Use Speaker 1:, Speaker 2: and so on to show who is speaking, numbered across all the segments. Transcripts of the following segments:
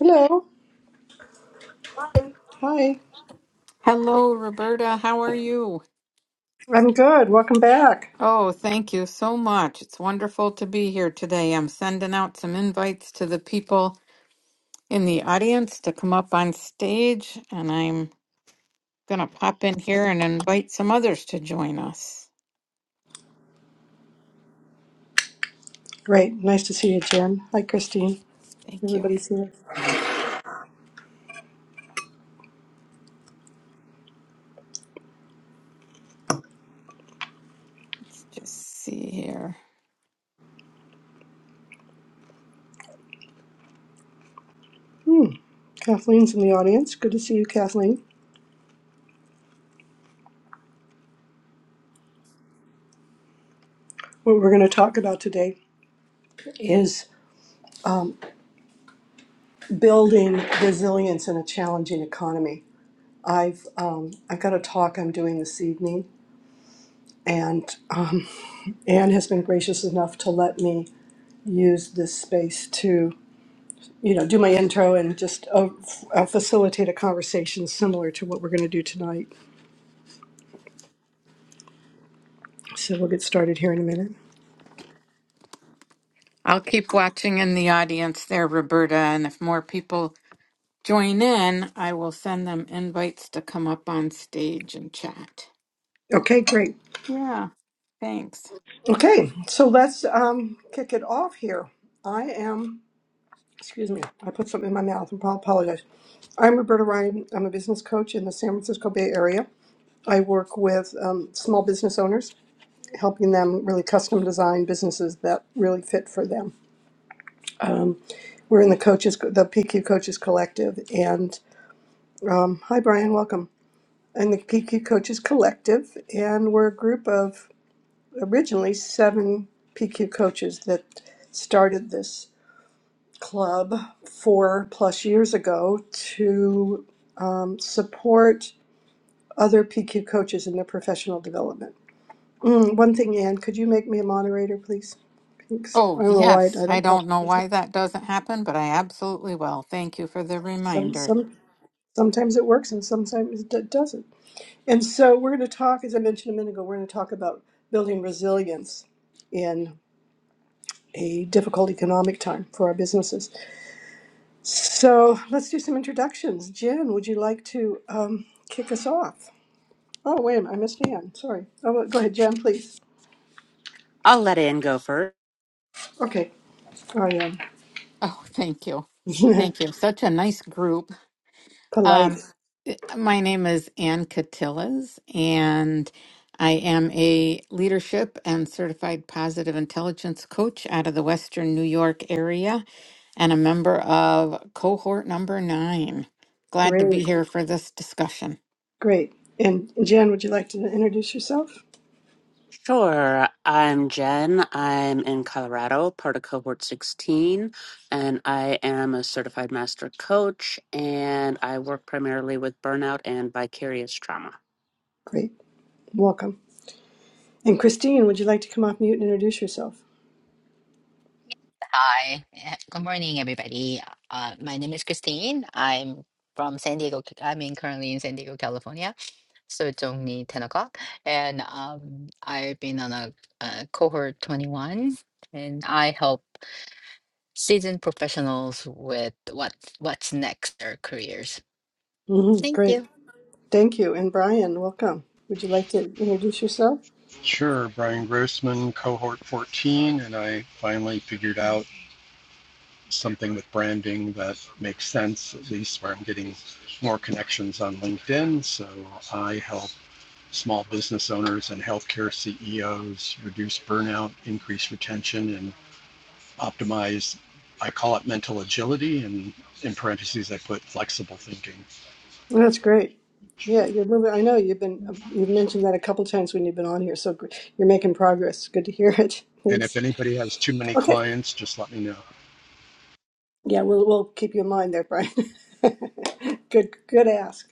Speaker 1: Hello. Hi.
Speaker 2: Hello, Roberta. How are you?
Speaker 1: I'm good. Welcome back.
Speaker 2: Oh, thank you so much. It's wonderful to be here today. I'm sending out some invites to the people in the audience to come up on stage, and I'm going to pop in here and invite some others to join us.
Speaker 1: Great. Nice to see you, Jen. Hi, Christine.
Speaker 2: Thank you.
Speaker 1: Everybody's here.
Speaker 3: Hello.
Speaker 2: Let's just see here.
Speaker 1: Kathleen's in the audience. Good to see you, Kathleen. What we're going to talk about today is building resilience in a challenging economy. I've um, I've got a talk I'm doing this evening, and um, Anne has been gracious enough to let me use this space to you know do my intro and just uh, f- uh, facilitate a conversation similar to what we're going to do tonight. So we'll get started here in a minute.
Speaker 2: I'll keep watching in the audience there, Roberta, and if more people join in, I will send them invites to come up on stage and chat.
Speaker 1: Okay, great.
Speaker 2: Yeah, thanks.
Speaker 1: Okay, so let's um, kick it off here. I am, excuse me, I put something in my mouth and I apologize. I'm Roberta Ryan. I'm a business coach in the San Francisco Bay Area. I work with um, small business owners, helping them really custom design businesses that really fit for them. Um, we're in the coaches, the PQ Coaches Collective, and um, hi Brian, welcome. In the PQ Coaches Collective, and we're a group of originally seven PQ coaches that started this club four plus years ago to um, support other PQ coaches in their professional development. Mm, one thing, Ann, could you make me a moderator, please? Thanks.
Speaker 2: Oh,
Speaker 1: I don't know why I
Speaker 2: yes. I
Speaker 1: don't pop up.
Speaker 2: don't know
Speaker 1: with
Speaker 2: why that doesn't happen, but I absolutely will. Thank you for the
Speaker 1: Some,
Speaker 2: reminder.
Speaker 1: some, sometimes it works and sometimes it d- doesn't. And so we're going to talk, as I mentioned a minute ago, we're going to talk about building resilience in a difficult economic time for our businesses. So let's do some introductions. Jen, would you like to um, kick us off? Oh, wait a minute, I missed Ann. Sorry. Oh, well, go ahead, Jen, please.
Speaker 4: I'll let Ann go first.
Speaker 1: Okay, I
Speaker 2: Oh, thank you.
Speaker 1: am
Speaker 2: Thank you. Such a nice group.
Speaker 1: polite.
Speaker 2: Um, i- my name is Ann Catillas, and I am a leadership and certified positive intelligence coach out of the Western New York area and a member of cohort number nine. Glad to
Speaker 1: Great,
Speaker 2: be here for this discussion.
Speaker 1: great. And Jen, would you like to introduce yourself?
Speaker 4: Sure. I'm Jen. I'm in Colorado, part of cohort 16, and I am a certified master coach, and I work primarily with burnout and vicarious trauma.
Speaker 1: Great, welcome. And Christine, would you like to come off mute and introduce yourself?
Speaker 3: Hi. Eh, Good morning, everybody. Uh, my name is Christine. I'm from San Diego. I'm in currently in San Diego, California. So it's only 10 o'clock. And um, I've been on a, uh cohort 21 and I help seasoned professionals with what what's next their careers.
Speaker 1: hmm
Speaker 3: Thank
Speaker 1: Great,
Speaker 3: you.
Speaker 1: thank you. And Brian, welcome. Would you like to introduce yourself?
Speaker 5: Sure, Brian Grossman, cohort 14, and I finally figured out something with branding that makes sense, at least where I'm getting more connections on LinkedIn. So I help small business owners and healthcare CEOs reduce burnout, increase retention, and optimize. I call it mental agility, and in parentheses, I put flexible thinking.
Speaker 1: Well, That's great. Yeah, you're moving. I know you've been you've mentioned that a couple times when you've been on here. So gr- you're making progress. Good to hear it.
Speaker 5: And if
Speaker 1: Thanks.
Speaker 5: anybody has too many
Speaker 1: Okay.
Speaker 5: clients, just let me know.
Speaker 1: Yeah, we'll we'll keep you in mind there, Brian. good good ask.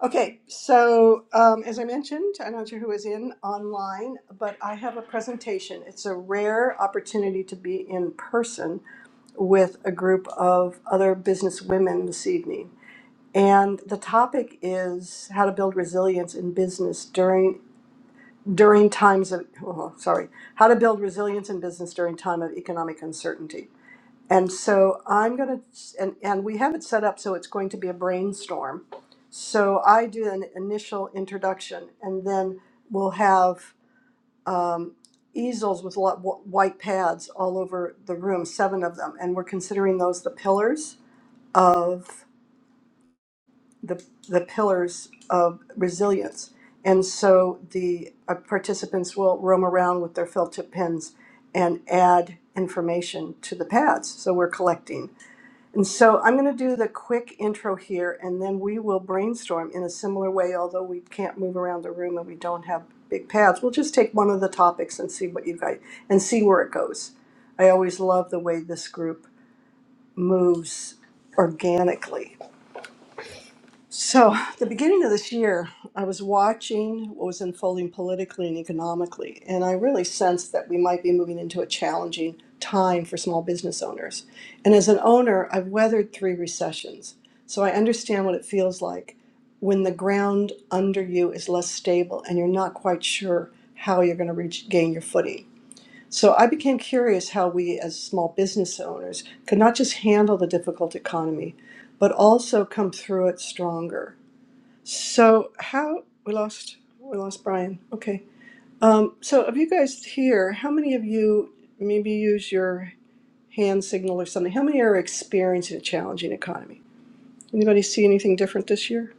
Speaker 1: Okay, so um, as I mentioned, I'm not sure who is in online, but I have a presentation. It's a rare opportunity to be in person with a group of other business women this evening. And the topic is how to build resilience in business during during times of oh, sorry how to build resilience in business during time of economic uncertainty and so i'm going to and, and we have it set up so it's going to be a brainstorm so i do an initial introduction and then we'll have um, easels with lo- wh- white pads all over the room seven of them and we're considering those the pillars of the, the pillars of resilience. And so the uh, participants will roam around with their felt tip pens and add information to the pads. So we're collecting. And so I'm going to do the quick intro here and then we will brainstorm in a similar way, although we can't move around the room and we don't have big pads. We'll just take one of the topics and see what you guys and see where it goes. I always love the way this group moves organically so, the beginning of this year, I was watching what was unfolding politically and economically, and I really sensed that we might be moving into a challenging time for small business owners. And as an owner, I've weathered three recessions, so I understand what it feels like when the ground under you is less stable and you're not quite sure how you're going to regain your footing. So, I became curious how we as small business owners could not just handle the difficult economy, but also come through it stronger. So how we lost we lost Brian. Okay. Um, so of you guys here, how many of you maybe use your hand signal or something? How many are experiencing a challenging economy? Anybody see anything different this year?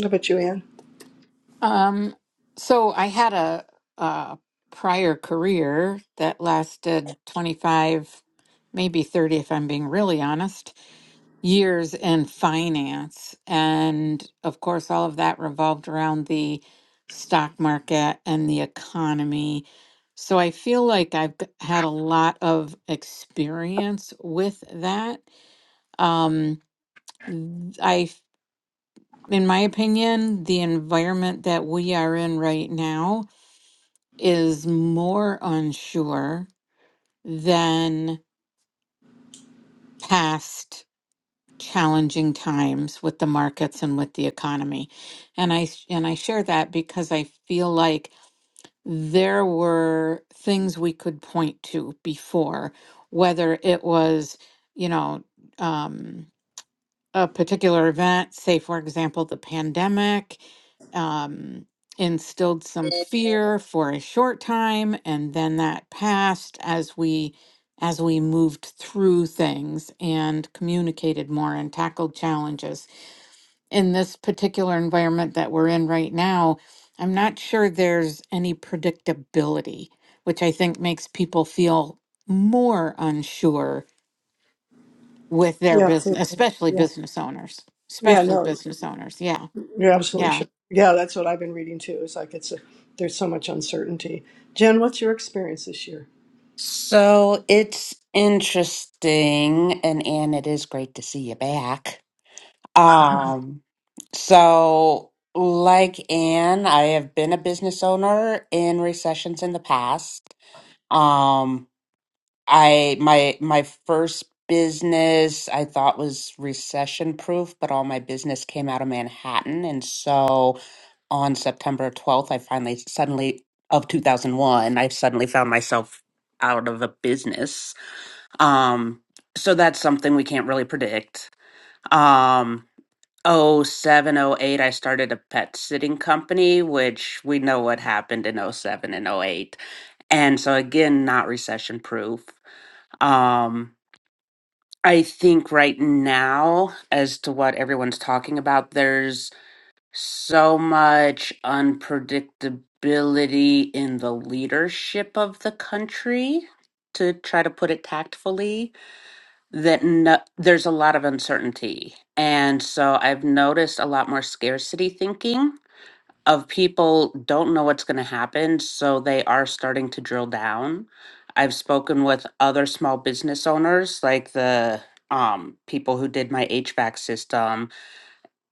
Speaker 1: How about you, Anne?
Speaker 2: Um, so I had a, a prior career that lasted 25, maybe 30, if I'm being really honest, years in finance. And of course, all of that revolved around the stock market and the economy. So I feel like I've g- had a lot of experience with that. Um, th- I, f- in my opinion, the environment that we are in right now is more unsure than past challenging times with the markets and with the economy. And I and I share that because I feel like there were things we could point to before, whether it was, you know, um, a particular event, say, for example, the pandemic, um, instilled some fear for a short time, and then that passed as we as we moved through things and communicated more and tackled challenges. In this particular environment that we're in right now, I'm not sure there's any predictability, which I think makes people feel more unsure with their
Speaker 1: Yeah,
Speaker 2: business,
Speaker 1: absolutely.
Speaker 2: especially
Speaker 1: Yeah.
Speaker 2: business owners,
Speaker 1: Yeah,
Speaker 2: especially
Speaker 1: no,
Speaker 2: business owners. Yeah.
Speaker 1: you're absolutely
Speaker 2: Yeah.
Speaker 1: sure. Yeah, that's what I've been reading too. It's like it's a, there's so much uncertainty. Jen, what's your experience this year?
Speaker 4: So it's interesting, and Anne, it is great to see you back. Um, so like Anne, I have been a business owner in recessions in the past. Um, I my my first business I thought was recession proof, but all my business came out of Manhattan, and so on September 12th, I finally suddenly of 2001, I suddenly found myself out of a business. Um, so that's something we can't really predict. Um, oh seven oh eight, I started a pet sitting company, which we know what happened in oh seven and oh eight, And so again, not recession proof. I think right now, as to what everyone's talking about, there's so much unpredictability in the leadership of the country, to try to put it tactfully, that no, there's a lot of uncertainty. And so I've noticed a lot more scarcity thinking of people don't know what's going to happen, so they are starting to drill down. I've spoken with other small business owners, like the um, people who did my HVAC system,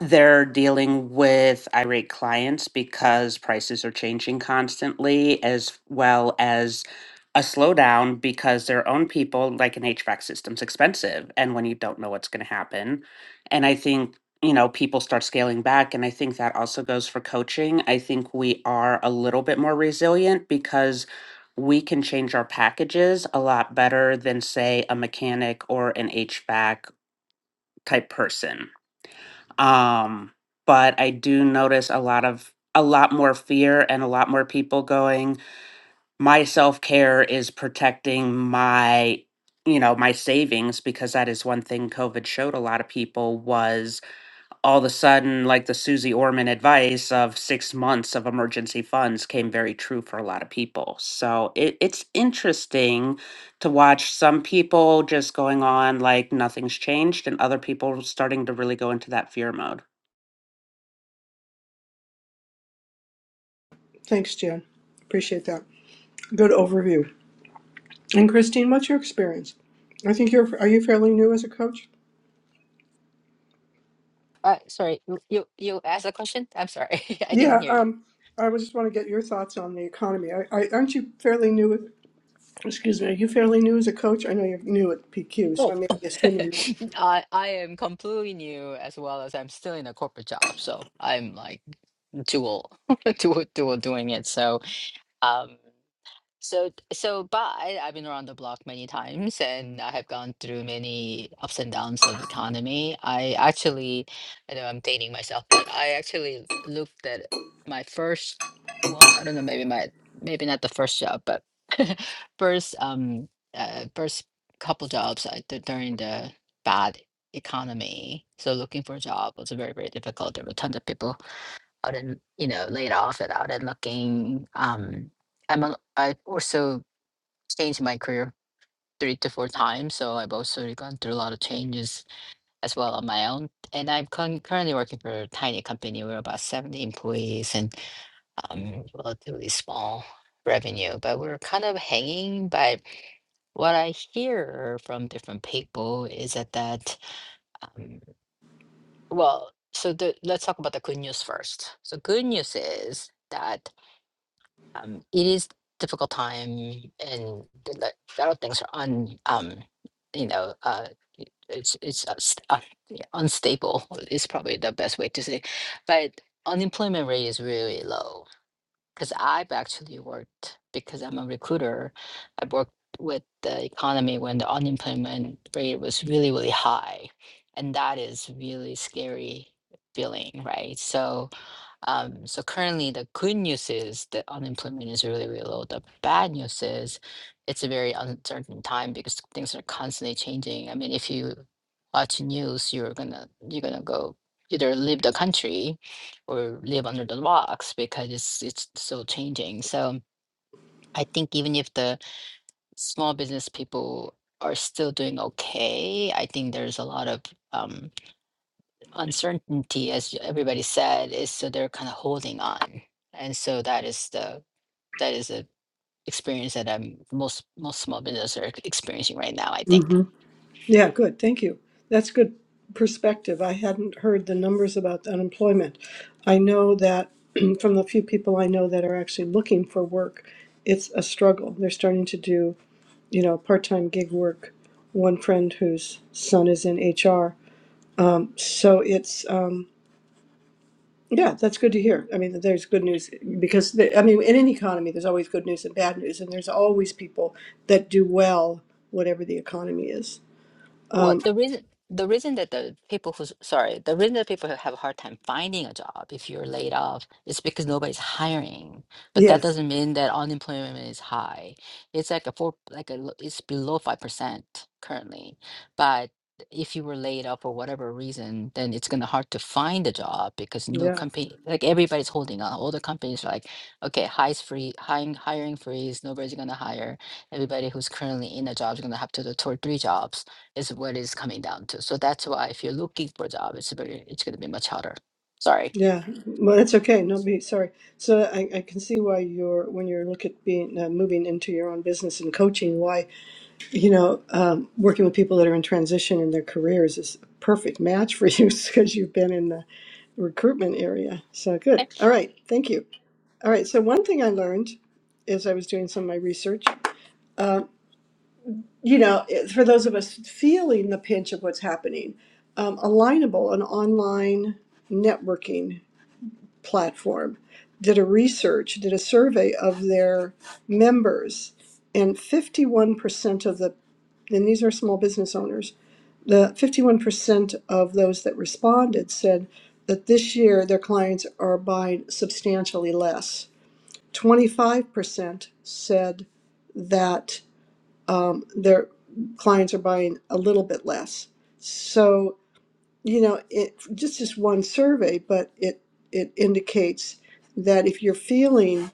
Speaker 4: they're dealing with irate clients because prices are changing constantly, as well as a slowdown because their own people, like an HVAC system's expensive. And when you don't know what's going to happen, and I think, you know, people start scaling back. And I think that also goes for coaching. I think we are a little bit more resilient because we can change our packages a lot better than, say, a mechanic or an HVAC type person um but i do notice a lot of a lot more fear and a lot more people going my self-care is protecting my you know my savings because that is one thing covid showed a lot of people was all of a sudden like the susie orman advice of six months of emergency funds came very true for a lot of people so it, it's interesting to watch some people just going on like nothing's changed and other people starting to really go into that fear mode
Speaker 1: Thanks, Jen. Appreciate that. Good overview. And Christine, what's your experience? I think you're are you fairly new as a coach?
Speaker 3: Uh, sorry, you, you you asked a question? I'm sorry. I didn't
Speaker 1: Yeah,
Speaker 3: hear you.
Speaker 1: um, I was just want to get your thoughts on the economy. I, I aren't you fairly new? With, excuse me, are you fairly new as a coach? I know you're new at PQ, so
Speaker 3: Oh,
Speaker 1: I may be assuming that.
Speaker 3: I I am completely new as well as I'm still in a corporate job, so I'm like dual dual dual doing it. So um so, so, but I, I've been around the block many times and I have gone through many ups and downs of economy. I actually, I know I'm dating myself, but I actually looked at my first, well, I don't know, maybe my, maybe not the first job, but first, um, uh, first couple jobs I did during the bad economy. So looking for a job was very, very difficult. There were tons of people out and you know laid off and out and looking um i'm a, i also changed my career three to four times so i've also gone through a lot of changes as well on my own and i'm con- currently working for a tiny company we're about 70 employees and um relatively small revenue but we're kind of hanging but what i hear from different people is that that um, well so the, let's talk about the good news first so good news is that um, it is difficult time and the- the- a lot of things are un um you know uh it- it's it's unst- uh, yeah, unstable is probably the best way to say but unemployment rate is really low because i've actually worked because i'm a recruiter i worked with the economy when the unemployment rate was really really high and that is really scary feeling right so um, so currently, the good news is that unemployment is really, really low. The bad news is it's a very uncertain time because things are constantly changing. I mean, if you watch news, you're gonna you're gonna go either leave the country or live under the rocks because it's it's so changing. So I think even if the small business people are still doing okay, I think there's a lot of um, uncertainty, as everybody said, is so they're kind of holding on. And so that is the that is the experience that um most most small businesses are experiencing right now, I think.
Speaker 1: hmm Yeah, good. Thank you. That's good perspective. I hadn't heard the numbers about unemployment. I know that from the few people I know that are actually looking for work, it's a struggle. They're starting to do you know, part-time gig work. One friend whose son is in HR. So it's um, yeah, that's good to hear. I mean, there's good news because the, I mean, in any economy, there's always good news and bad news, and there's always people that do well whatever the economy is.
Speaker 3: Well, the reason the reason that the people who sorry, the reason that people have a hard time finding a job if you're laid off is because nobody's hiring. But that
Speaker 1: Yes.
Speaker 3: doesn't mean that unemployment is high. It's like a four, like a, lo- it's below 5% currently. But if you were laid off for whatever reason, then it's gonna hard to find a job because no
Speaker 1: Yeah.
Speaker 3: company, like everybody's holding on. All the companies are like, okay, highs free, hiring hiring freeze, nobody's gonna hire. Everybody who's currently in a job is gonna have to do two or three jobs is what it's coming down to. So that's why if you're looking for a job, it's very it's gonna be much harder. Sorry.
Speaker 1: Yeah. Well, that's okay. No, be sorry. So I, I can see why you're when you're look at being uh, moving into your own business and coaching. Why you know, um, working with people that are in transition in their careers is a perfect match for you because you've been in the recruitment area. So good. All right. Thank you. All right. So one thing I learned as I was doing some of my research, you know, it- for those of us feeling the pinch of what's happening, um, Alignable, an online networking platform, did a research, did a survey of their members, and 51% of the, and these are small business owners, the fifty-one percent of those that responded said that this year their clients are buying substantially less. Twenty-five percent said that um, their clients are buying a little bit less. So you know, it just just one survey, but it it indicates that if you're feeling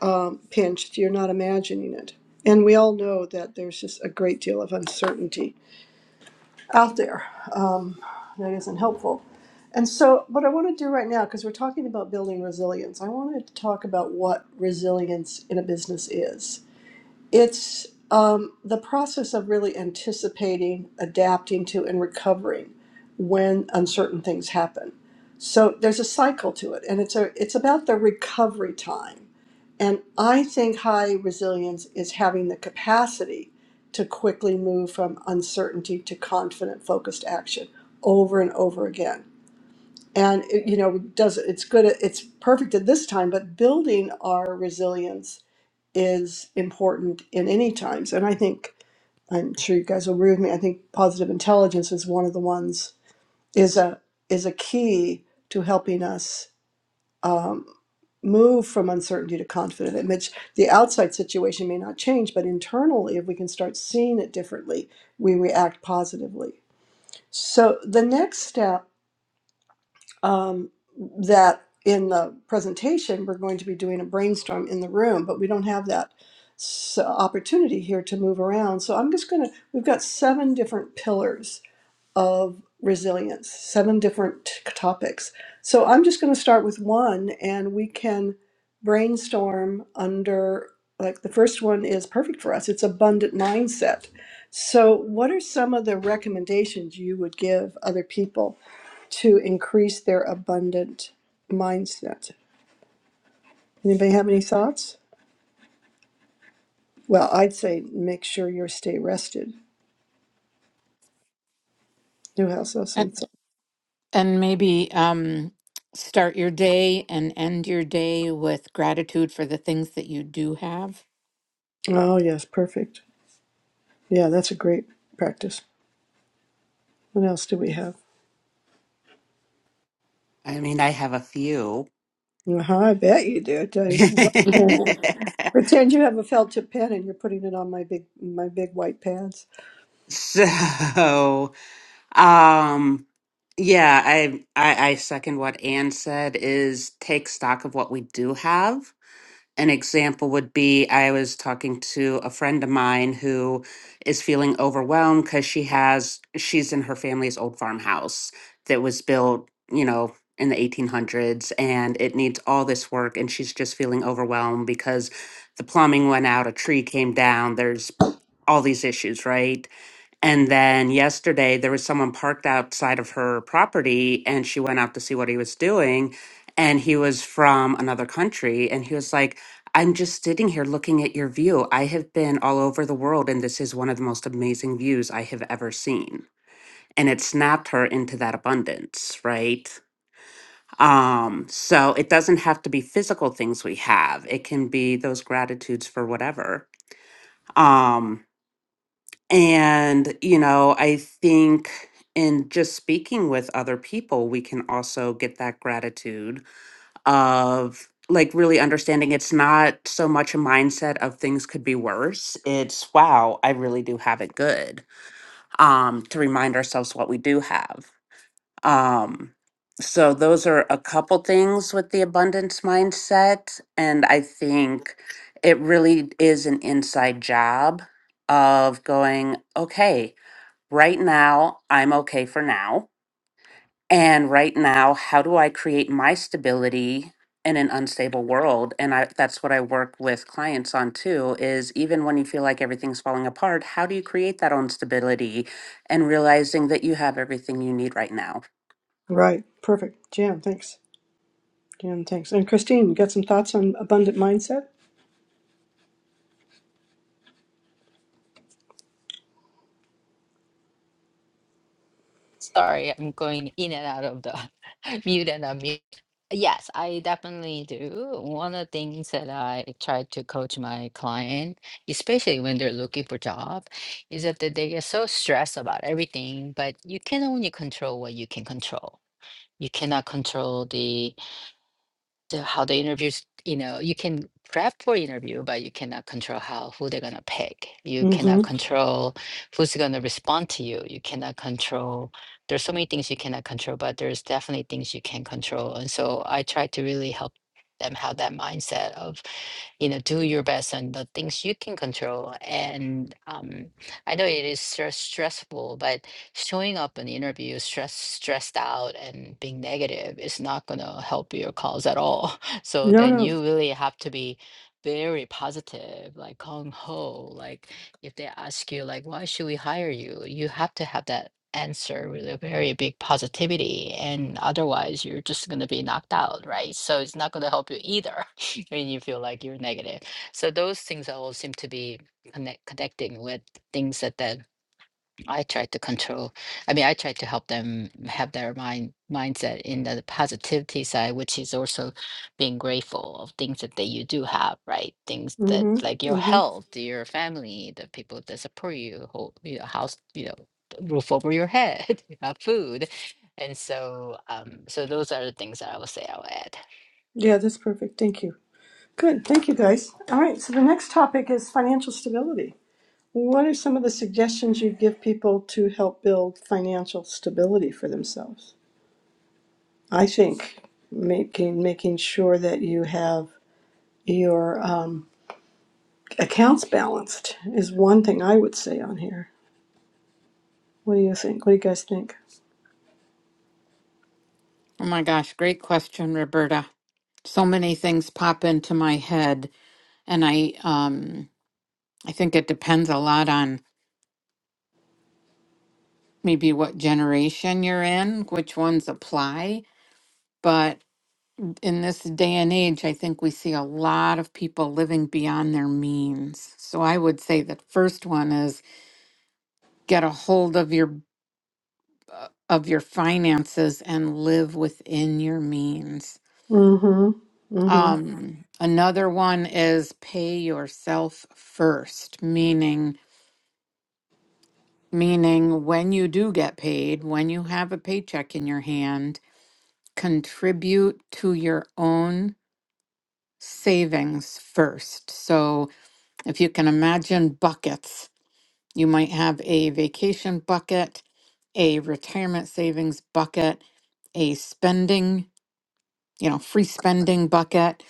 Speaker 1: um, pinched, you're not imagining it. And we all know that there's just a great deal of uncertainty out there um, that isn't helpful. And so, what I want to do right now, because we're talking about building resilience, I wanted to talk about what resilience in a business is. It's um, the process of really anticipating, adapting to, and recovering when uncertain things happen. So there's a cycle to it, and it's a it's about the recovery time. And I think high resilience is having the capacity to quickly move from uncertainty to confident, focused action over and over again. And it, you know, does it's good. It's perfect at this time, but building our resilience is important in any times. And I think I'm sure you guys will agree with me. I think positive intelligence is one of the ones is a is a key to helping us um, move from uncertainty to confident image. The outside situation may not change, but internally, if we can start seeing it differently, we react positively. So the next step um, that in the presentation we're going to be doing a brainstorm in the room, but we don't have that s- opportunity here to move around. So I'm just going to, we've got seven different pillars of resilience, seven different t- topics. So I'm just going to start with one and we can brainstorm under like the first one is perfect for us it's abundant mindset so what are some of the recommendations you would give other people to increase their abundant mindset. Anybody have any thoughts? Well, I'd say make sure you stay rested. Newhouse
Speaker 2: And,
Speaker 1: Awesome. Thought.
Speaker 2: and maybe um, start your day and end your day with gratitude for the things that you do have.
Speaker 1: Oh, yes, perfect. Yeah, that's a great practice. What else do we have?
Speaker 4: I mean, I have a few.
Speaker 1: Uh-huh, I bet you do. I tell you. Pretend you have a felt tip pen and you're putting it on my big my big white pads.
Speaker 4: So, um, yeah, I, I I second what Anne said is take stock of what we do have An example would be I was talking to a friend of mine who is feeling overwhelmed because she has, she's in her family's old farmhouse that was built, you know, in the 1800s and it needs all this work. And she's just feeling overwhelmed because the plumbing went out, a tree came down, there's all these issues, right? And then yesterday, there was someone parked outside of her property, and she went out to see what he was doing. And he was from another country. And he was like, I'm just sitting here looking at your view. I have been all over the world, and this is one of the most amazing views I have ever seen. And it snapped her into that abundance, right? Um, so it doesn't have to be physical things we have. It can be those gratitudes for whatever. Um, and you know, I think in just speaking with other people, we can also get that gratitude of like really understanding it's not so much a mindset of things could be worse it's wow i really do have it good um to remind ourselves what we do have um so those are a couple things with the abundance mindset and i think it really is an inside job of going okay right now i'm okay for now and right now, how do I create my stability in an unstable world? And I, that's what I work with clients on too is even when you feel like everything's falling apart, how do you create that own stability and realizing that you have everything you need right now?
Speaker 1: Right, perfect. Jan, thanks. Jan, thanks. And Christine, you got some thoughts on abundant mindset?
Speaker 3: Sorry, I'm going in and out of the mute and unmute. Yes, I definitely do. One of the things that I try to coach my client, especially when they're looking for job, is that they they get so stressed about everything, but you can only control what you can control. You cannot control the the how the interviews you know you can prep for interview but you cannot control how who they're going to pick you cannot
Speaker 1: Mm-hmm.
Speaker 3: control who's going to respond to you you cannot control there's so many things you cannot control but there's definitely things you can control and so i try to really help them have that mindset of you know do your best on the things you can control and um, i know it is stress- stressful but showing up in the interview stress stressed out and being negative is not going to help your cause at all so
Speaker 1: No,
Speaker 3: then
Speaker 1: no.
Speaker 3: you really have to be very positive like gung ho like if they ask you like why should we hire you you have to have that answer with a very big positivity and otherwise you're just going to be knocked out right so it's not going to help you either and you feel like you're negative. So those things all seem to be connect, connecting with things that, that I try to control. I mean, I try to help them have their mind mindset in the positivity side, which is also being grateful of things that, that you do have, right? Things that like
Speaker 1: Mm-hmm.
Speaker 3: your
Speaker 1: Mm-hmm.
Speaker 3: health, your family, the people that support you, whole, you know, house, you know, roof over your head, you have food. And so, um, so those are the things that I will say I'll add.
Speaker 1: Yeah, that's perfect. Thank you. Good. Thank you, guys. All right. So the next topic is financial stability. What are some of the suggestions you give people to help build financial stability for themselves? I think making making sure that you have your um, accounts balanced is one thing I would say on here. What do you think? What do you guys think?
Speaker 2: Oh my gosh, great question, Roberta. So many things pop into my head and I um I think it depends a lot on maybe what generation you're in, which ones apply, but. in this day and age, I think we see a lot of people living beyond their means. So I would say the first one is get a hold of your uh, of your finances and live within your means.
Speaker 1: Mm-hmm. Mm-hmm.
Speaker 2: Um, another one is pay yourself first, meaning meaning when you do get paid, when you have a paycheck in your hand, contribute to your own savings first. So If you can imagine buckets, you might have a vacation bucket, a retirement savings bucket, a spending, you know, free spending bucket,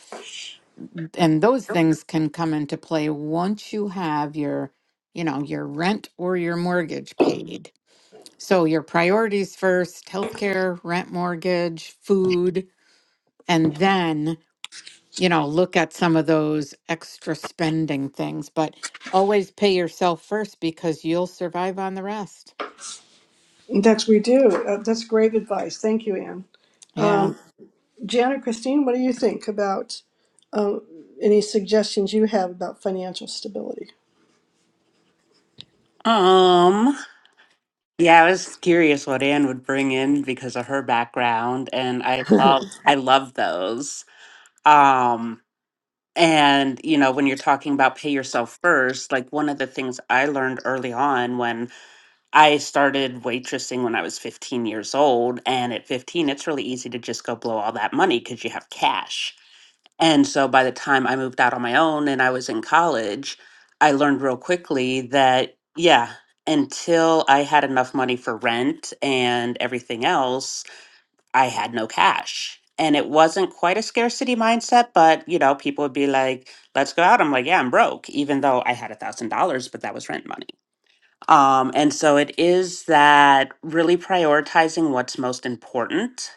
Speaker 2: and those things can come into play once you have your, you know, your rent or your mortgage paid. So your priorities first, healthcare, rent, mortgage, food, and then you know, look at some of those extra spending things, but always pay yourself first because you'll survive on the rest.
Speaker 1: That's we do. Uh, that's great advice. Thank you, Anne.
Speaker 2: Yeah.
Speaker 1: Jan or Christine, what do you think about um, any suggestions you have about financial stability?
Speaker 4: Um, yeah, I was curious what Anne would bring in because of her background, and I love I love those. Um, And, you know, when you're talking about pay yourself first, like one of the things I learned early on when I started waitressing when I was 15 years old, and at 15, it's really easy to just go blow all that money because you have cash. And so by the time I moved out on my own and I was in college, I learned real quickly that, yeah, until I had enough money for rent and everything else, I had no cash. And it wasn't quite a scarcity mindset, but you know, people would be like, let's go out. I'm like, yeah, I'm broke, even though I had a thousand dollars, but that was rent money. Um, and so it is that really prioritizing what's most important.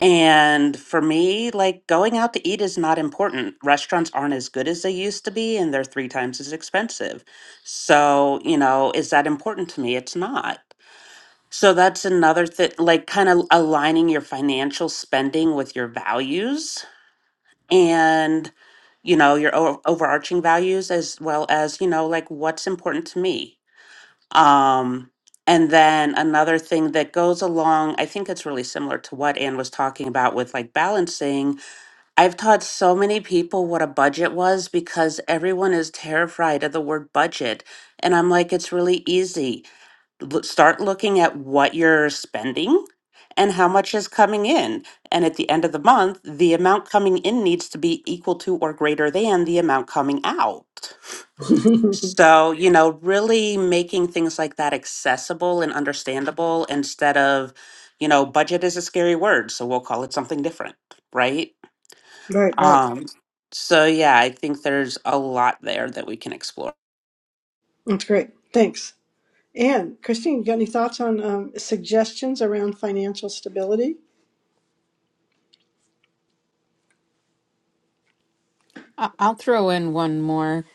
Speaker 4: And for me, like going out to eat is not important. Restaurants aren't as good as they used to be, and they're three times as expensive. So, you know, is that important to me? It's not. So that's another thing, like kind of aligning your financial spending with your values and, you know, your o- overarching values as well as, you know, like what's important to me. Um, and then another thing that goes along, I think it's really similar to what Anne was talking about with like balancing. I've taught so many people what a budget was because everyone is terrified of the word budget. And I'm like, it's really easy l- start looking at what you're spending and how much is coming in. And at the end of the month, the amount coming in needs to be equal to or greater than the amount coming out.
Speaker 1: right,
Speaker 4: So, you know, really making things like that accessible and understandable instead of, you know, budget is a scary word, so we'll call it something different, right?
Speaker 1: right.
Speaker 4: Um, so yeah, I think there's a lot there that we can explore.
Speaker 1: That's great. Thanks. Anne. Christine, you got any thoughts on um, suggestions around financial stability?
Speaker 2: I- I'll throw in one more.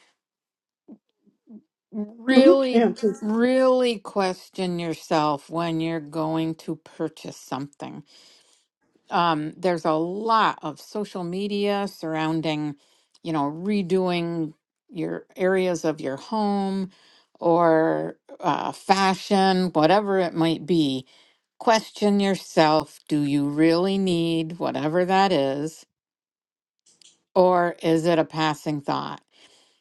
Speaker 1: Mm-hmm.
Speaker 2: Really,
Speaker 1: And please.
Speaker 2: really question yourself when you're going to purchase something. Um, there's a lot of social media surrounding, you know, redoing your areas of your home or uh, fashion, whatever it might be question yourself do you really need whatever that is or is it a passing thought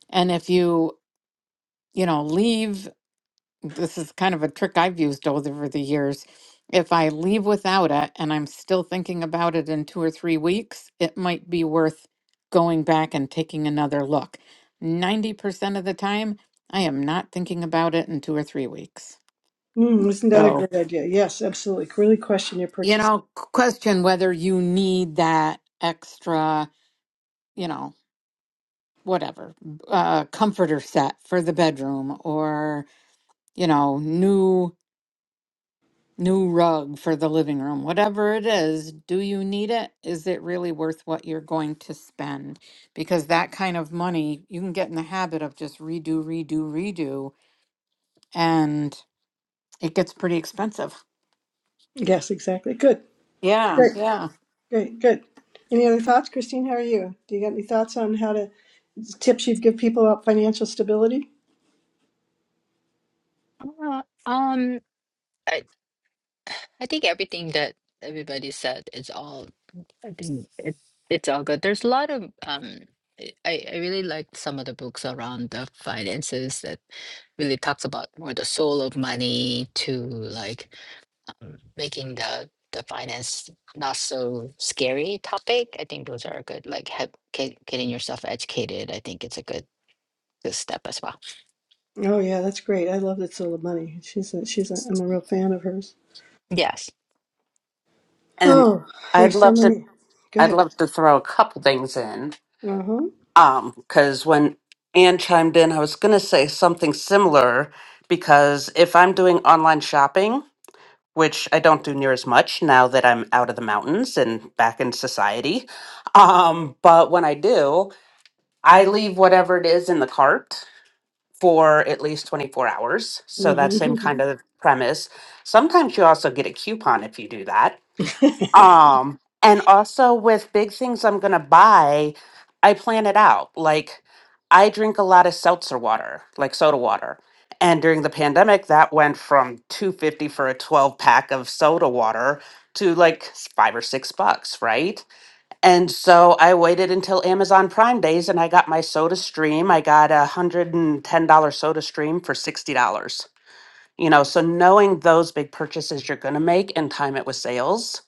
Speaker 2: and if you you know leave this is kind of a trick i've used over the years if i leave without it and i'm still thinking about it in two or three weeks it might be worth going back and taking another look 90% of the time i am not thinking about it in two or three weeks
Speaker 1: Mm, isn't that a
Speaker 2: so
Speaker 1: great idea? Yes, absolutely. Really question your
Speaker 2: you
Speaker 1: purchase.
Speaker 2: know question whether you need that extra you know, whatever, uh, comforter set for the bedroom or, you know, new new rug for the living room. Whatever it is, do you need it? Is it really worth what you're going to spend? Because that kind of money, you can get in the habit of just redo, redo, redo, and it gets pretty expensive.
Speaker 1: Yes, exactly. Good.
Speaker 2: Yeah,
Speaker 4: And
Speaker 1: Great.
Speaker 2: yeah.
Speaker 1: Great. Good. Any other thoughts, Christine? How are you? Do you got any thoughts on how to tips you'd give people about financial stability?
Speaker 3: Uh, um, I think everything that everybody said is all, I think it, it's all good. There's a lot of, um, I, I I really liked some of the books around the finances that really talks about more the soul of money to like um, making the, the finance not so scary topic. I think those are good. Like have, get, getting yourself educated. I think it's a good, good step as well.
Speaker 1: Oh yeah, that's great. I love that Soul of Money. She's a, she's a, I'm a real fan of hers.
Speaker 3: Yes.
Speaker 4: and
Speaker 1: Oh,
Speaker 4: I'd
Speaker 1: there's so
Speaker 4: love to
Speaker 1: many. Go
Speaker 4: I'd
Speaker 1: ahead.
Speaker 4: love to throw a couple things in.
Speaker 1: Uh huh.
Speaker 4: Um, because when Anne chimed in, I was gonna say something similar because if I'm doing online shopping, which I don't do near as much now that I'm out of the mountains and back in society, um, but when I do, I leave whatever it is in the cart for at least 24 hours. So that same
Speaker 1: Mm-hmm.
Speaker 4: kind of premise. Sometimes you also get a coupon if you do that um, and also with big things I'm gonna buy, I plan it out. Like I drink a lot of seltzer water, like soda water. And during the pandemic, that went from 250 for a 12 pack of soda water to like s- five or six bucks, right? And so I waited until Amazon Prime days and I got my soda stream. I got a $110 soda stream for $60. You know, so knowing those big purchases you're going to make and time it with sales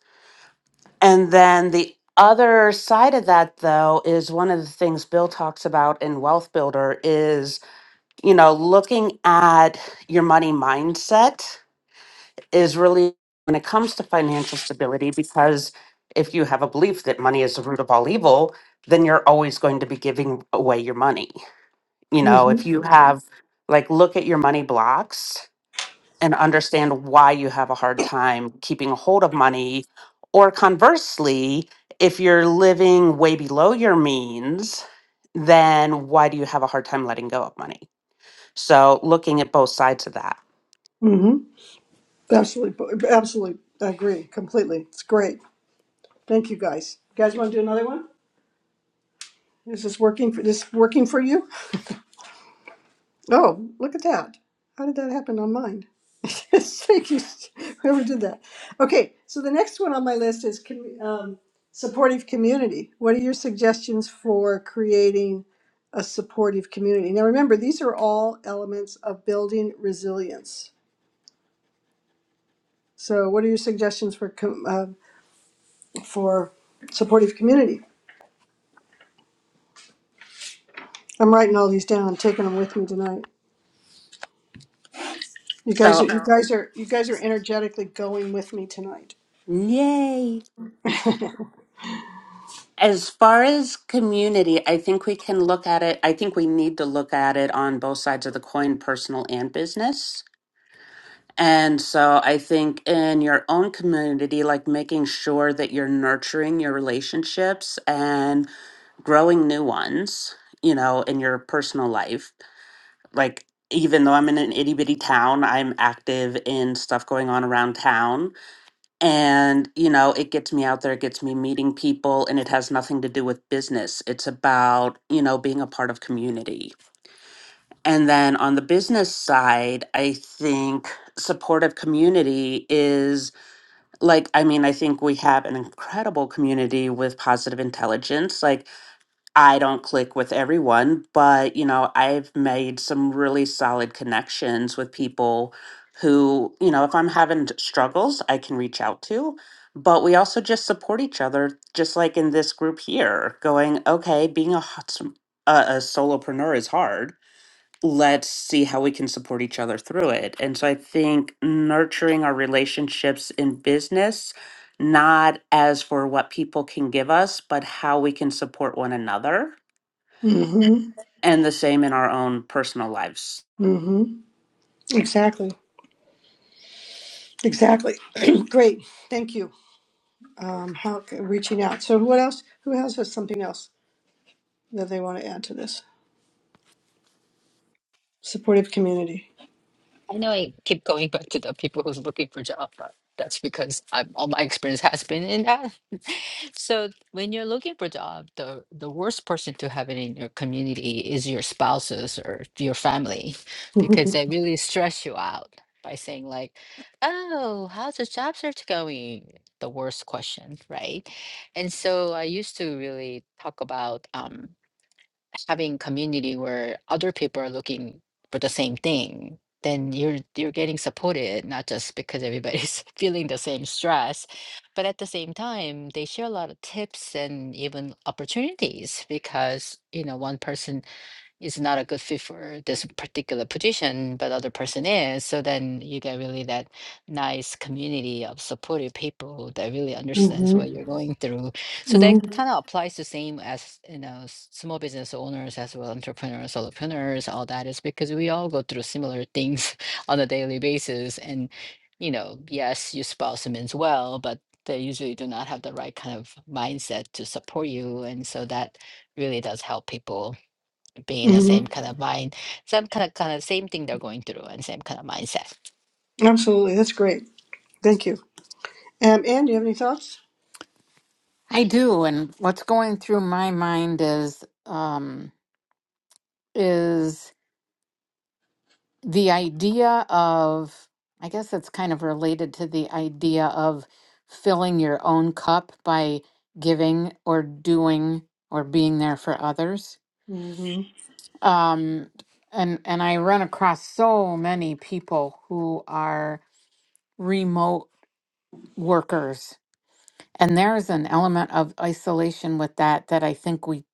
Speaker 4: and then the other side of that, though, is one of the things Bill talks about in Wealth Builder is, you know, looking at your money mindset is really when it comes to financial stability, because if you have a belief that money is the root of all evil, then you're always going to be giving away your money. You know,
Speaker 1: mm-hmm.
Speaker 4: if you Mhm. have, like, look at your money blocks and understand why you have a hard time keeping a hold of money. Or conversely, if you're living way below your means, then why do you have a hard time letting go of money? So, looking at both sides of that.
Speaker 1: Mm-hmm. Absolutely, absolutely. I agree completely. It's great. Thank you guys. You guys want to do another one? Is this working for this working for you? Oh, look at that. How did that happen on mine? Thank you, whoever did that. Okay, so the next one on my list is commu- um, supportive community. What are your suggestions for creating a supportive community? Now, remember, these are all elements of building resilience. So, what are your suggestions for com- uh, for supportive community? I'm writing all these down. I'm taking them with me tonight. You guys, are,
Speaker 4: So,
Speaker 1: you guys are you guys are energetically going with me tonight.
Speaker 4: yay. As far as community, I think we can look at it. I think we need to look at it on both sides of the coin, personal and business And so I think in your own community, like making sure that you're nurturing your relationships and growing new ones, you know, in your personal life. Like, even though I'm in an itty bitty town, I'm active in stuff going on around town. And, you know, it gets me out there, it gets me meeting people, and it has nothing to do with business. It's about, you know, being a part of community. And then on the business side, I think supportive community is like i mean i think we have an incredible community with positive intelligence like i don't click with everyone but you know i've made some really solid connections with people who you know if i'm having d- struggles i can reach out to but we also just support each other just like in this group here going okay being a, hot s- a, a solopreneur is hard let's see how we can support each other through it. And so I think nurturing our relationships in business, not as for what people can give us, but how we can support one another
Speaker 1: hmm
Speaker 4: and the same in our own personal lives.
Speaker 1: hmm Exactly. Exactly. Great. Thank you. Um, how reaching out. So what else? Who else has something else that they want to add to this? Supportive community.
Speaker 3: I know I keep going back to the people who's looking for job, but that's because I'm, all my experience has been in that. So when you're looking for job, the the worst person to have it in your community is your spouses or your family, because
Speaker 1: hmm
Speaker 3: they really stress you out by saying like, "Oh, how's the job search going?" The worst question, right? And so I used to really talk about. Um, having community where other people are looking for the same thing then you're you're getting supported not just because everybody's feeling the same stress but at the same time they share a lot of tips and even opportunities because you know one person is not a good fit for this particular position, but other person is. So then you get really that nice community of supportive people that really understands what
Speaker 1: hmm
Speaker 3: you're going through. So that kind of applies the same as you know s- small business owners as well, entrepreneurs, solopreneurs, all that is because we all go through similar things on a daily basis. And you know, yes, your spouse means well, but they usually do not have the right kind of mindset to support you, and so that really does help people being in the
Speaker 1: hmm
Speaker 3: same kind of mind, same kind of kind of same thing they're going through and same kind of mindset.
Speaker 1: Absolutely. That's great. Thank you. Um, Anne, do you have any thoughts?
Speaker 2: I do. And what's going through my mind is um is the idea of, I guess it's kind of related to the idea of filling your own cup by giving or doing or being there for others.
Speaker 1: hmm
Speaker 2: Um, and and I run across so many people who are remote workers, and there's an element of isolation with that that I think we,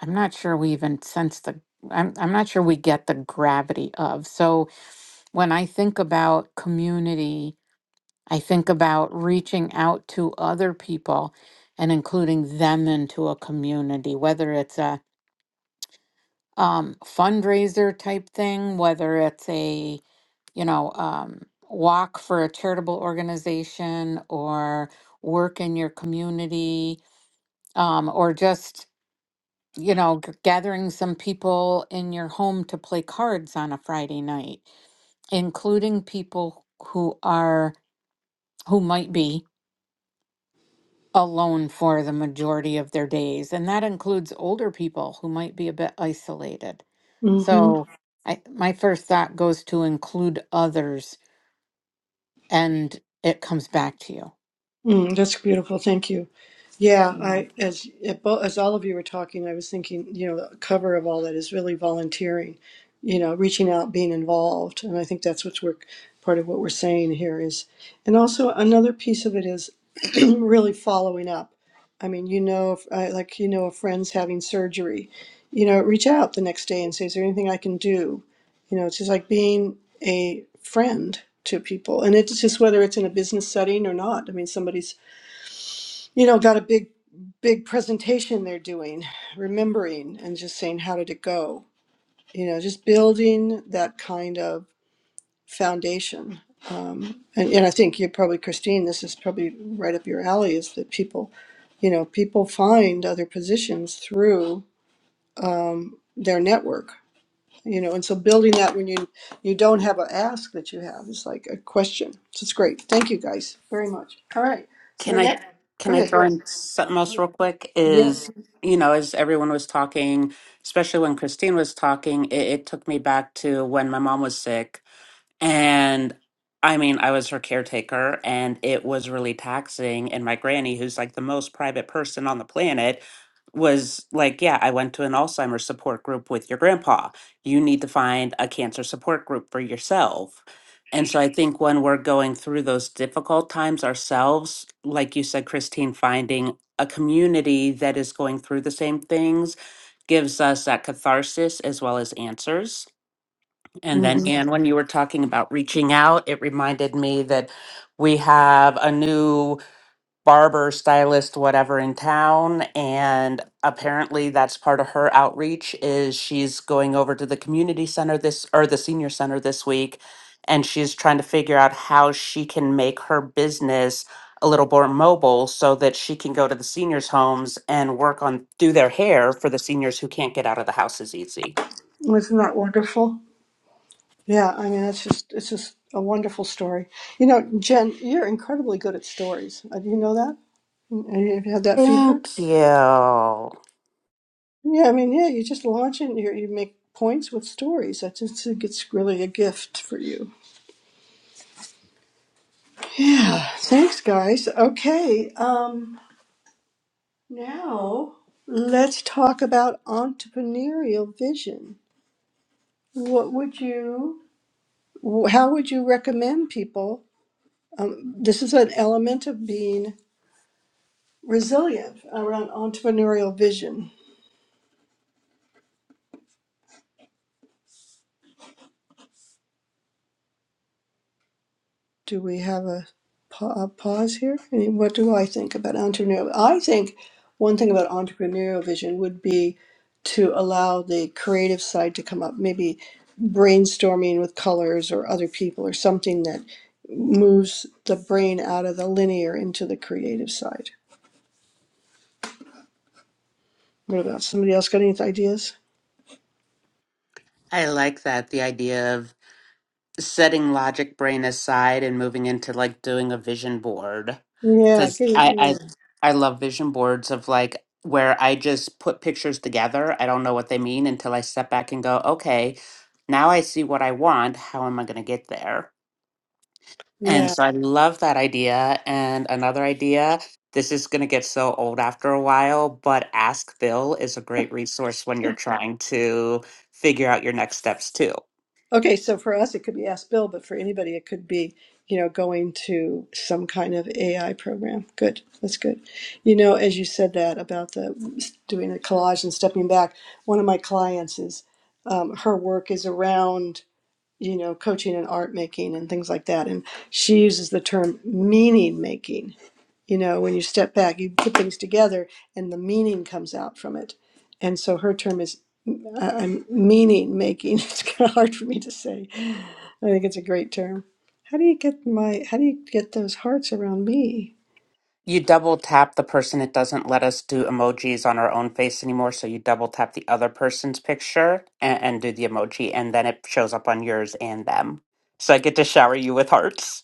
Speaker 2: I'm not sure we even sense the, I'm I'm not sure we get the gravity of. So when I think about community, I think about reaching out to other people and including them into a community, whether it's a um, fundraiser type thing, whether it's a you know um, walk for a charitable organization or work in your community, um, or just you know g- gathering some people in your home to play cards on a Friday night, including people who are who might be alone for the majority of their days. And that includes older people who might be a bit isolated.
Speaker 1: hmm
Speaker 2: So I, my first thought goes to include others and it comes back to you.
Speaker 1: Mm, that's beautiful. Thank you. Yeah,
Speaker 2: Yeah.
Speaker 1: I as it bo- as all of you were talking, I was thinking, you know, the cover of all that is really volunteering, you know, reaching out, being involved, and I think that's what's we're part of what we're saying here is, and also another piece of it is really following up. I mean, you know, if, I, like you know, a friend's having surgery, you know, reach out the next day and say, "Is there anything I can do?" you know it's just like being a friend to people and it's just whether it's in a business setting or not i mean somebody's you know got a big big presentation they're doing remembering and just saying how did it go you know just building that kind of foundation um, and, and i think you're probably christine this is probably right up your alley is that people you know people find other positions through um, their network you know and so building that when you you don't have an ask that you have is like a question so it's great thank you guys very much all right so the
Speaker 4: Can I
Speaker 1: next go
Speaker 4: can I
Speaker 1: ahead
Speaker 4: throw
Speaker 1: yes
Speaker 4: in something else real quick?
Speaker 1: yes
Speaker 4: Is you know, as everyone was talking, especially when Christine was talking, it, it took me back to when my mom was sick And I mean, I was her caretaker and it was really taxing. And my granny, who's like the most private person on the planet, was like, Yeah, I went to an Alzheimer's support group with your grandpa. You need to find a cancer support group for yourself. And so I think when we're going through those difficult times ourselves, like you said, Christine, finding a community that is going through the same things gives us that catharsis as well as answers. And then,
Speaker 1: hmm
Speaker 4: Anne, when you were talking about reaching out, it reminded me that we have a new barber, stylist, whatever in town. And apparently, that's part of her outreach is she's going over to the community center this or the senior center this week, and she's trying to figure out how she can make her business a little more mobile so that she can go to the seniors' homes and work on do their hair for the seniors who can't get out of the house as easy.
Speaker 1: isn't that wonderful yeah i mean that's just it's just a wonderful story you know jen you're incredibly good at stories Uh, do you know that Mm, have you had that feedback
Speaker 4: Thank you.
Speaker 1: yeah i mean yeah you just launch it and you you make points with stories i just think it's really a gift for you yeah thanks guys okay um Now, let's talk about entrepreneurial vision. What would you, how would you recommend people? Um, this is an element of being resilient around entrepreneurial vision. do we have a, pa- a pause here? I mean, what do I think about entrepreneurial? I think one thing about entrepreneurial vision would be to allow the creative side to come up, maybe brainstorming with colors or other people or something that moves the brain out of the linear into the creative side. What about somebody else got any ideas?
Speaker 4: I like that the idea of setting logic brain aside and moving into like doing a vision board
Speaker 1: Yeah,
Speaker 4: because
Speaker 1: get
Speaker 4: I, I
Speaker 1: it,
Speaker 4: I love vision boards of like where I just put pictures together. I don't know what they mean until I step back and go, okay, now I see what I want. How am I going to get there?
Speaker 1: yeah,
Speaker 4: And so I love that idea. And another idea, this is going to get so old after a while, but Ask Bill is a great resource when you're trying to figure out your next steps too.
Speaker 1: Okay, so for us, it could be Ask Bill, but for anybody, it could be, you know, going to some kind of AI program. Good, that's good. You know, as you said that about the doing a collage and stepping back, one of my clients is, um, her work is around, you know, coaching and art making and things like that. And she uses the term meaning making. You know, when you step back, you put things together and the meaning comes out from it. And so her term is, I- I'm meaning making. It's kind of hard for me to say I think it's a great term. How do you get my how do you get those hearts around me?
Speaker 4: you double tap the person it doesn't let us do emojis on our own face anymore so you double tap the other person's picture and, and do the emoji and then it shows up on yours and them so i get to shower you with hearts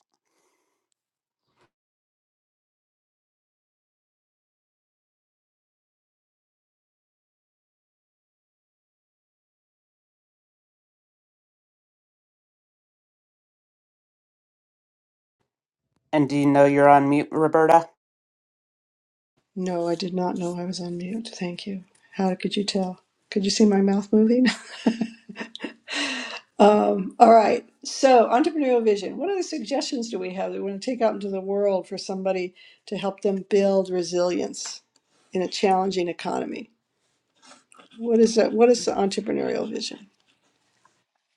Speaker 4: and do you know you're on mute roberta
Speaker 1: No, I did not know I was on mute. Thank you. How could you tell? Could you see my mouth moving? um, all right. So, entrepreneurial vision. What other suggestions do we have that we want to take out into the world for somebody to help them build resilience in a challenging economy? What is that? What is the entrepreneurial vision?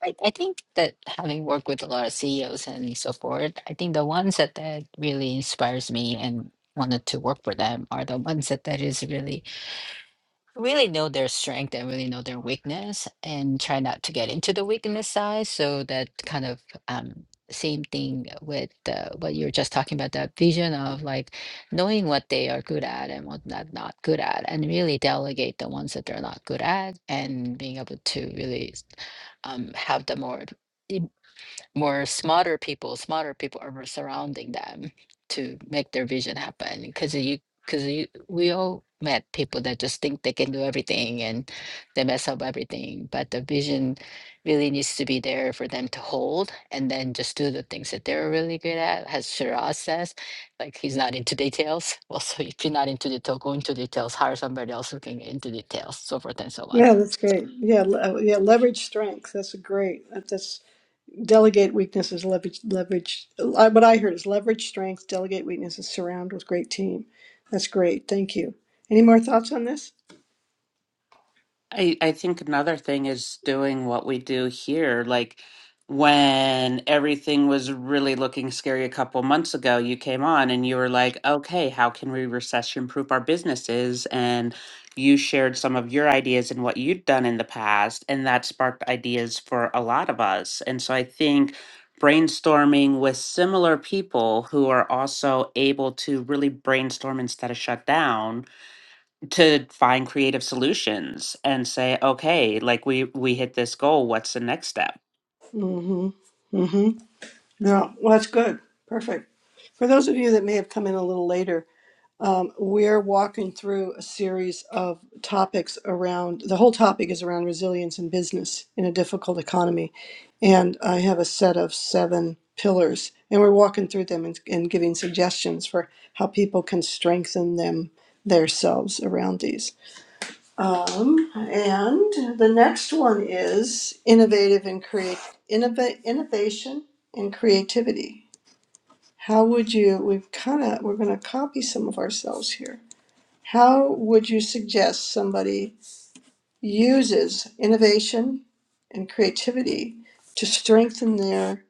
Speaker 3: I, I think that having worked with a lot of CEOs and so forth, I think the ones that, that really inspires me and wanted to work for them are the ones that that is really really know their strength and really know their weakness and try not to get into the weakness side. So that kind of um, same thing with uh, what you were just talking about, that vision of like knowing what they are good at and what not not good at, and really delegate the ones that they're not good at and being able to really um, have the more more smarter people, smarter people are surrounding them to make their vision happen. Because you, because you, we all met people that just think they can do everything and they mess up everything. But the vision really needs to be there for them to hold and then just do the things that they're really good at. As Shiraz says, like he's not into details. Well, so if you're not into detail, go into details. Hire somebody else who can get into details, so forth and so on.
Speaker 1: Yeah, that's
Speaker 3: So
Speaker 1: great. Yeah, le- uh, yeah, leverage strength. That's a great. That's Delegate weakness is leverage, leverage. uh, What I heard is leverage strength, delegate weakness is surround with great team. That's great. Thank you. Any more thoughts on this?
Speaker 4: I, I think another thing is doing what we do here. Like when everything was really looking scary a couple months ago, you came on and you were like, okay, how can we recession proof our businesses? And you shared some of your ideas and what you'd done in the past. And that sparked ideas for a lot of us. And so I think brainstorming with similar people who are also able to really brainstorm instead of shut down to find creative solutions and say okay like we we hit this goal what's the next step
Speaker 1: Mm-hmm. Mm-hmm. No. Well, that's good. Perfect. For those of you that may have come in a little later, Um, we're walking through a series of topics around the whole topic is around resilience in business in a difficult economy. And I have a set of seven pillars, and we're walking through them and, and giving suggestions for how people can strengthen them themselves around these. Um, and the next one is innovative and create innova- innovation and creativity. How would you? We've kind of we're going to copy some of ourselves here how would you suggest somebody uses innovation and creativity to strengthen their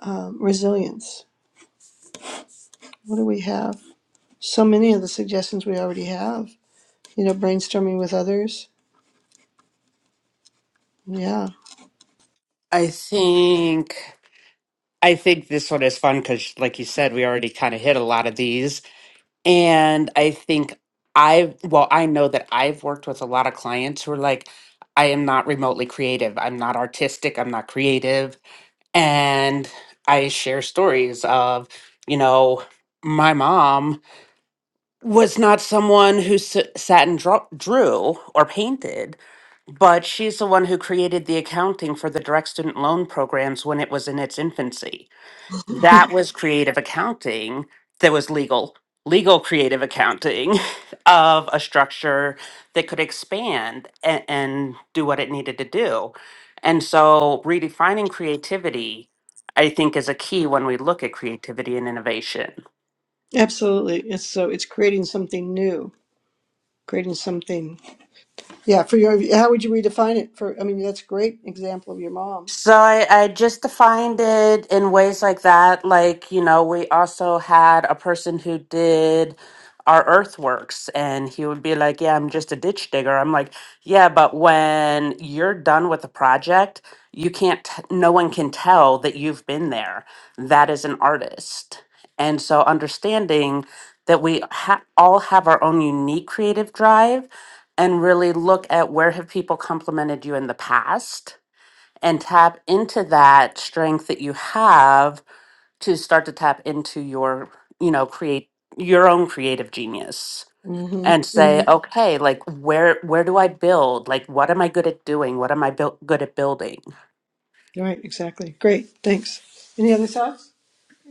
Speaker 1: um, resilience? What do we have? So many of the suggestions we already have. You know, brainstorming with others. Yeah,
Speaker 4: i think i think this one is fun because like you said we already kind of hit a lot of these and i think i've well i know that i've worked with a lot of clients who are like i am not remotely creative i'm not artistic i'm not creative and i share stories of you know my mom was not someone who s- sat and draw- drew or painted, but she's the one who created the accounting for the direct student loan programs when it was in its infancy. That was creative accounting that was legal, legal creative accounting of a structure that could expand and, and do what it needed to do. And so redefining creativity, I think, is a key when we look at creativity and innovation.
Speaker 1: absolutely. It's so it's creating something new, creating something. Yeah, for your how would you redefine it? For I mean, that's a great example of your mom.
Speaker 4: So I, I just defined it in ways like that. Like, you know, we also had a person who did our earthworks, and he would be like, Yeah, I'm just a ditch digger. I'm like, Yeah, but when you're done with the project, you can't, t- no one can tell that you've been there. That is an artist. And so understanding that we ha- all have our own unique creative drive and really look at where have people complimented you in the past and tap into that strength that you have to start to tap into your, you know, create your own creative genius
Speaker 1: Mm-hmm.
Speaker 4: and say,
Speaker 1: mm-hmm.
Speaker 4: okay, like where where do I build? Like what am I good at doing? What am I built good at building?
Speaker 1: Right. Exactly. Great. Thanks. Any other thoughts?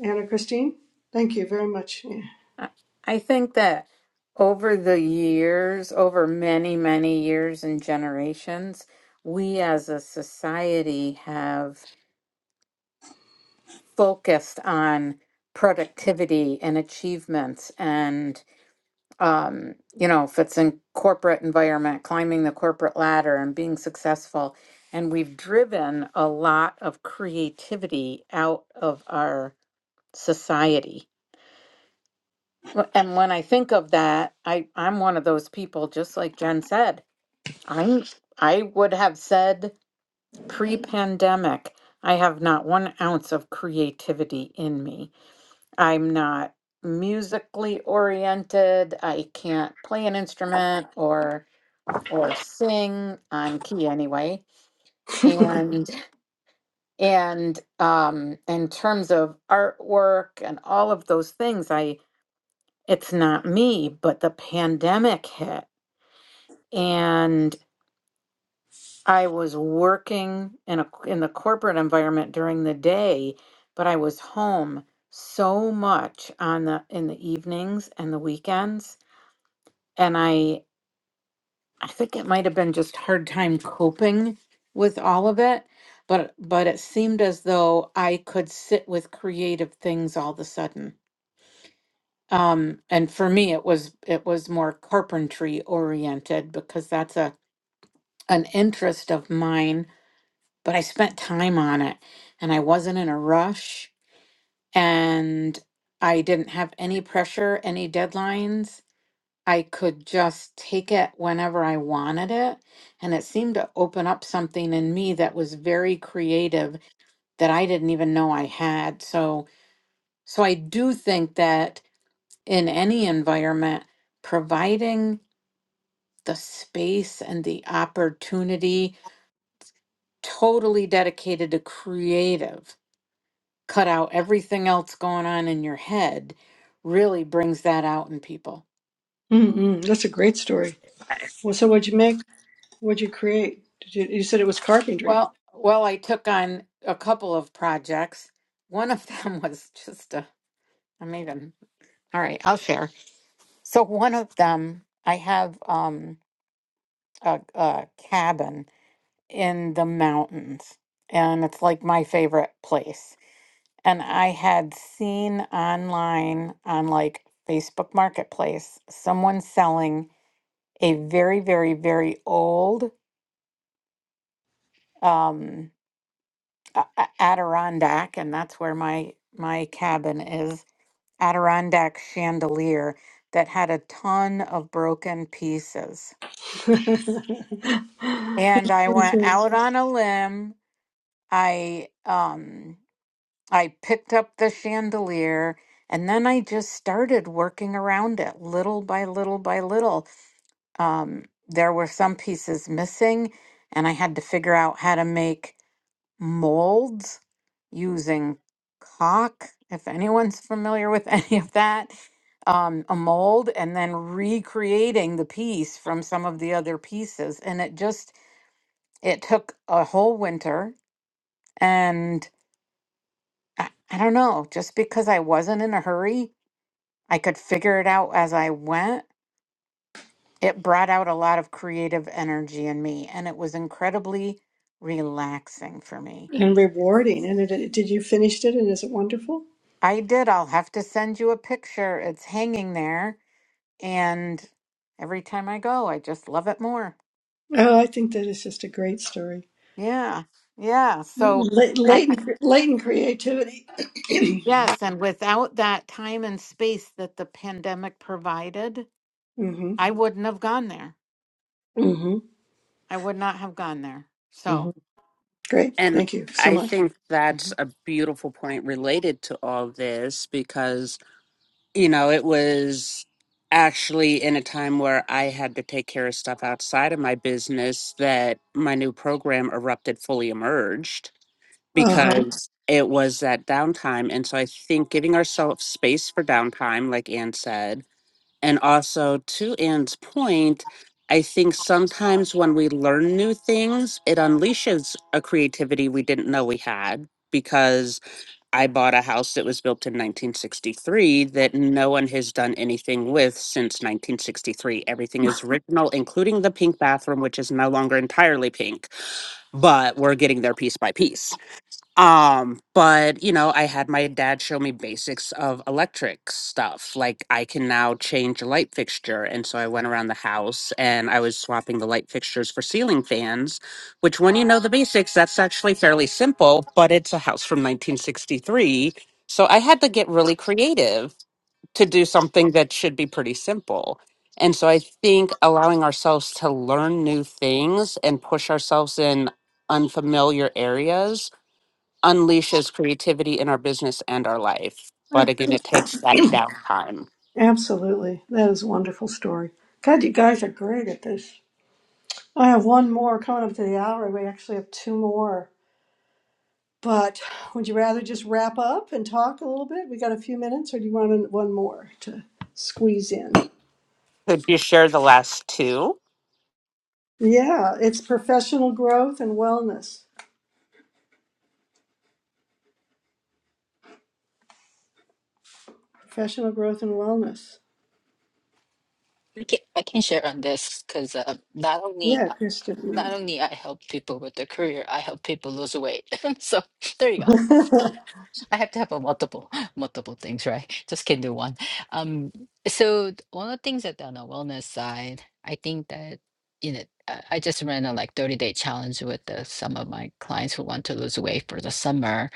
Speaker 1: Anna Christine, thank you very much. Yeah.
Speaker 2: I I think that over the years, over many, many years and generations, we as a society have focused on productivity and achievements. and. um, you know, if it's in corporate environment, climbing the corporate ladder and being successful. And we've driven a lot of creativity out of our society. Wh- And when I think of that, I, I'm one of those people, just like Jen said, I I would have said pre-pandemic, I have not one ounce of creativity in me. I'm not musically oriented. I can't play an instrument or or sing on key anyway and and um in terms of artwork and all of those things i it's not me but the pandemic hit and i was working in a in the corporate environment during the day but i was home so much on the in the evenings and the weekends and i I think it might have been just hard time coping with all of it, but but it seemed as though I could sit with creative things all of a sudden. Um, and for me, it was it was more carpentry oriented because that's a an interest of mine. But I spent time on it, and I wasn't in a rush, and I didn't have any pressure, any deadlines I could just take it whenever I wanted it. And it seemed to open up something in me that was very creative that I didn't even know I had. So, so I do think that in any environment, providing the space and the opportunity totally dedicated to creative, cut out everything else going on in your head, really brings that out in people.
Speaker 1: Mm-mm, that's a great story. Well, so what'd you make? What'd you create? Did you, you said it was carpentry.
Speaker 2: Well, well, I took on a couple of projects. One of them was just a, I'm even, all right, I'll share. So one of them, I have um a, a cabin in the mountains, and it's like my favorite place. And I had seen online on like Facebook Marketplace someone selling a very, very, very old um a- a- Adirondack, and that's where my my cabin is Adirondack chandelier that had a ton of broken pieces.
Speaker 1: and
Speaker 2: And I went out on a limb. I um I picked up the chandelier and then I just started working around it little by little by little. Um there were some pieces missing and I had to figure out how to make molds using caulk, if anyone's familiar with any of that, um, a mold, and then recreating the piece from some of the other pieces. And it just, it took a whole winter. And I, I don't know, just because I wasn't in a hurry, I could figure it out as I went. It brought out a lot of creative energy in me, and it was incredibly relaxing for me.
Speaker 1: rewarding. And it, did you finish it? And is it wonderful?
Speaker 2: I did. I'll have to send you a picture. It's hanging there. And every time I go, I just love it more.
Speaker 1: Oh, I think that is just a great story.
Speaker 2: Yeah. Yeah. So,
Speaker 1: La-
Speaker 2: I, I-
Speaker 1: Latent, latent creativity. hmm
Speaker 2: yes. And without that time and space that the pandemic provided,
Speaker 1: Mm
Speaker 2: I wouldn't have gone there.
Speaker 1: hmm
Speaker 2: I would not have gone there.
Speaker 1: Mm hmm
Speaker 2: So,
Speaker 1: Great.
Speaker 4: And
Speaker 1: Thank you so
Speaker 4: I
Speaker 1: much.
Speaker 4: think that's
Speaker 2: mhm.
Speaker 4: a beautiful point related to all this because, you know, it was actually in a time where I had to take care of stuff outside of my business that my new program erupted fully emerged
Speaker 1: Uh
Speaker 4: because it was that downtime. And so I think giving ourselves space for downtime, like Ann said, and also to Ann's point, I think sometimes when we learn new things, it unleashes a creativity we didn't know we had. Because I bought a house that was built in 1963 that no one has done anything with since 1963. Everything is original, including the pink bathroom, which is no longer entirely pink, but we're getting there piece by piece. Um, but you know, I had my dad show me basics of electric stuff. Like I can now change a light fixture. And so I went around the house and I was swapping the light fixtures for ceiling fans, which when you know the basics, that's actually fairly simple, but it's a house from 1963. So I had to get really creative to do something that should be pretty simple. And so I think allowing ourselves to learn new things and push ourselves in unfamiliar areas unleashes creativity in our business and our life.
Speaker 1: huh.
Speaker 4: But again, it takes that downtime.
Speaker 1: Absolutely. That is a wonderful story. God, you guys are great at this. I have one more coming up to the hour. We actually have two more. But would you rather just wrap up and talk a little bit? We got a few minutes, or do you want an- one more to squeeze in?
Speaker 4: Could you share the last two?
Speaker 1: Yeah, it's professional growth and wellness. Professional growth and wellness.
Speaker 3: I can, I can share on this because uh, not only
Speaker 1: Yeah,
Speaker 3: uh, not
Speaker 1: Kristen.
Speaker 3: only I help people with their career, I help people lose weight. so there you go. I have to have a multiple multiple things, right? Just can do one. Um, so one of the things that on the wellness side, I think that you know I I just ran a like 30 day challenge with uh, some of my clients who want to lose weight for the summer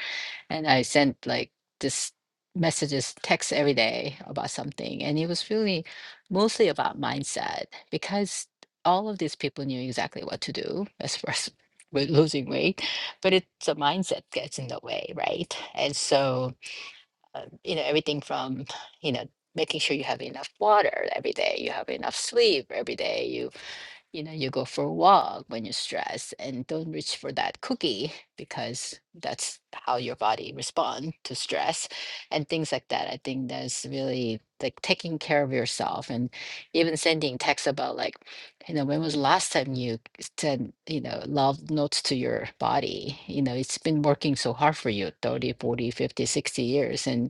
Speaker 3: and I sent like this messages, texts every day about something. And it was really mostly about mindset because all of these people knew exactly what to do as far as with losing weight, but it's a mindset gets in the way, right? And so, uh, you know, everything from, you know, making sure you have enough water every day, you have enough sleep every day, you you know, you go for a walk when you're stressed and don't reach for that cookie because that's how your body responds to stress and things like that. I think that's really like taking care of yourself and even sending texts about like, you know, when was the last time you sent, you know, love notes to your body? You know, it's been working so hard for you 30, 40, 50, 60 years. And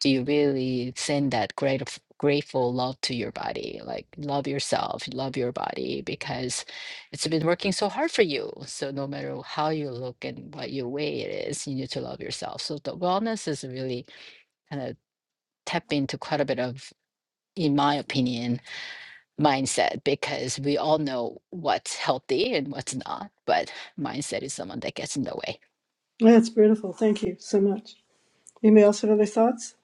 Speaker 3: do you really send that grateful grateful love to your body like love yourself love your body because it's been working so hard for you so no matter how you look and what your way it is you need to love yourself so the wellness is really kind of tap into quite a bit of in my opinion mindset because we all know what's healthy and what's not, but mindset is someone that gets in the way.
Speaker 1: That's beautiful. Thank you so much. Anybody else have other thoughts?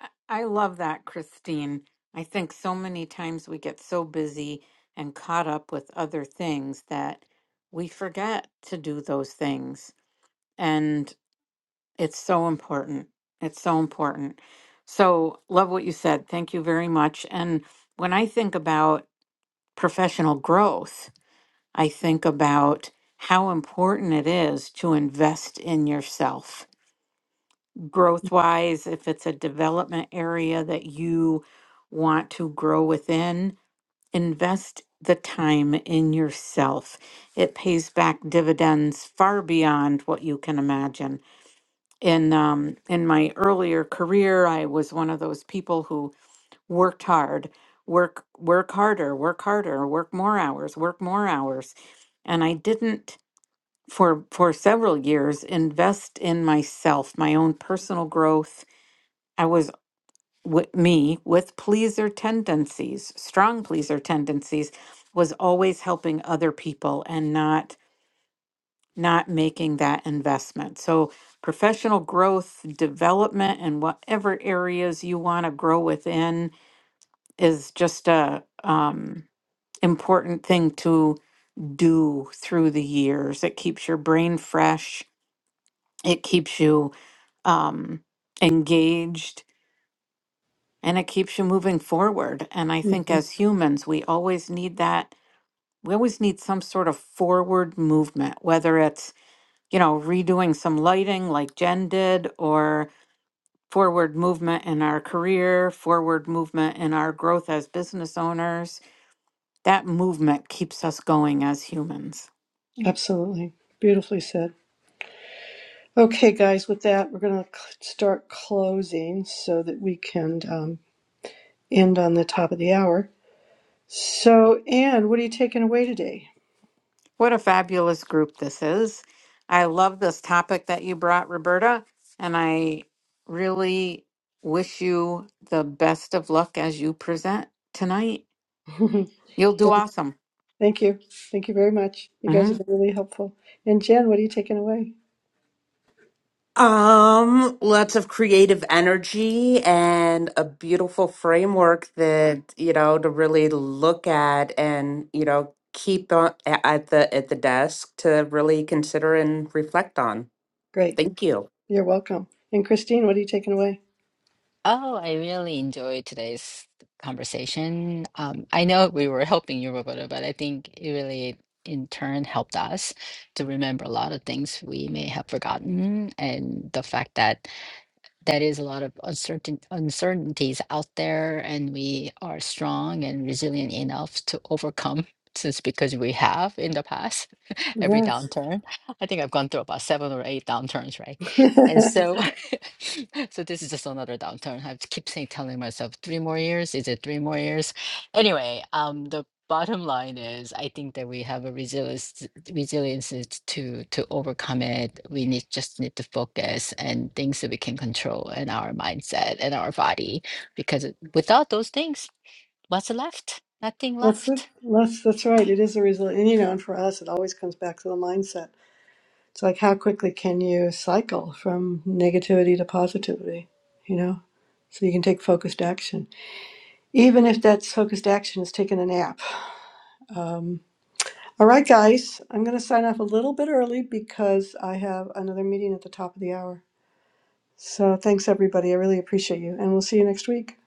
Speaker 2: I I love that, Christine. I think so many times we get so busy and caught up with other things that we forget to do those things. It's so important. It's so important. So, love what you said. Thank you very much. And when I think about professional growth, I think about how important it is to invest in yourself. Growth wise, if it's a development area that you want to grow within, invest the time in yourself. It pays back dividends far beyond what you can imagine in um, in my earlier career, I was one of those people who worked hard, work work harder, work harder, work more hours, work more hours, and I didn't for for several years invest in myself, my own personal growth. I was with me with pleaser tendencies, strong pleaser tendencies, was always helping other people and not not making that investment. So, professional growth, development, and whatever areas you want to grow within is just a um, important thing to do through the years. It keeps your brain fresh. It keeps you um, engaged, and it keeps you moving forward. And I think
Speaker 1: hmm
Speaker 2: as humans, we always need that. We always need some sort of forward movement, whether it's you know, redoing some lighting like Jen did, or forward movement in our career, forward movement in our growth as business owners. That movement keeps us going as humans.
Speaker 1: Absolutely. Beautifully said. Okay, guys, with that, we're going to start closing so that we can um, end on the top of the hour. So, Anne, what are you taking away today?
Speaker 2: What a fabulous group this is. I love this topic that you brought, Roberta, and I really wish you the best of luck as you present tonight.
Speaker 1: Don't-
Speaker 2: You'll do awesome.
Speaker 1: Thank you. Thank you very much. You guys have
Speaker 2: Mhm.
Speaker 1: been really helpful. And Jen, what are you taking away?
Speaker 4: Um, lots of creative energy and a beautiful framework that, you know, to really look at and, you know, keep on, a- at the at the desk to really consider and reflect on.
Speaker 1: Great.
Speaker 4: Thank you.
Speaker 1: You're welcome. And Christine, what are you taking away?
Speaker 3: Oh, I really enjoyed today's conversation. Um, I know we were helping you, Roberta, but I think it really, in turn, helped us to remember a lot of things we may have forgotten. And the fact that there is a lot of uncertain uncertainties out there and we are strong and resilient enough to overcome since because we have in the past every
Speaker 1: Yes.
Speaker 3: downturn i think i've gone through about seven or eight downturns right
Speaker 1: that's,
Speaker 3: and so so this is just another downturn i have to keep saying telling myself three more years is it three more years anyway um the bottom line is i think that we have a resilience resilience is to to overcome it we need just need to focus and things that we can control and our mindset and our body because it- without those things what's left nothing
Speaker 1: it.
Speaker 3: left
Speaker 1: that's, that's right. It is a result. And, you know, and for us, it always comes back to the mindset It's like how quickly can you cycle from negativity to positivity, you know? So you can take focused action, even if that focused action is taking a nap. Um, all right, guys, I'm going to sign off a little bit early because I have another meeting at the top of the hour. So thanks, everybody. I really appreciate you, and we'll see you next week.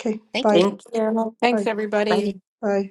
Speaker 1: Okay,
Speaker 3: thank you
Speaker 1: bye,
Speaker 4: Thank you.
Speaker 2: Thanks,
Speaker 1: bye,
Speaker 2: everybody.
Speaker 4: Bye.
Speaker 1: bye.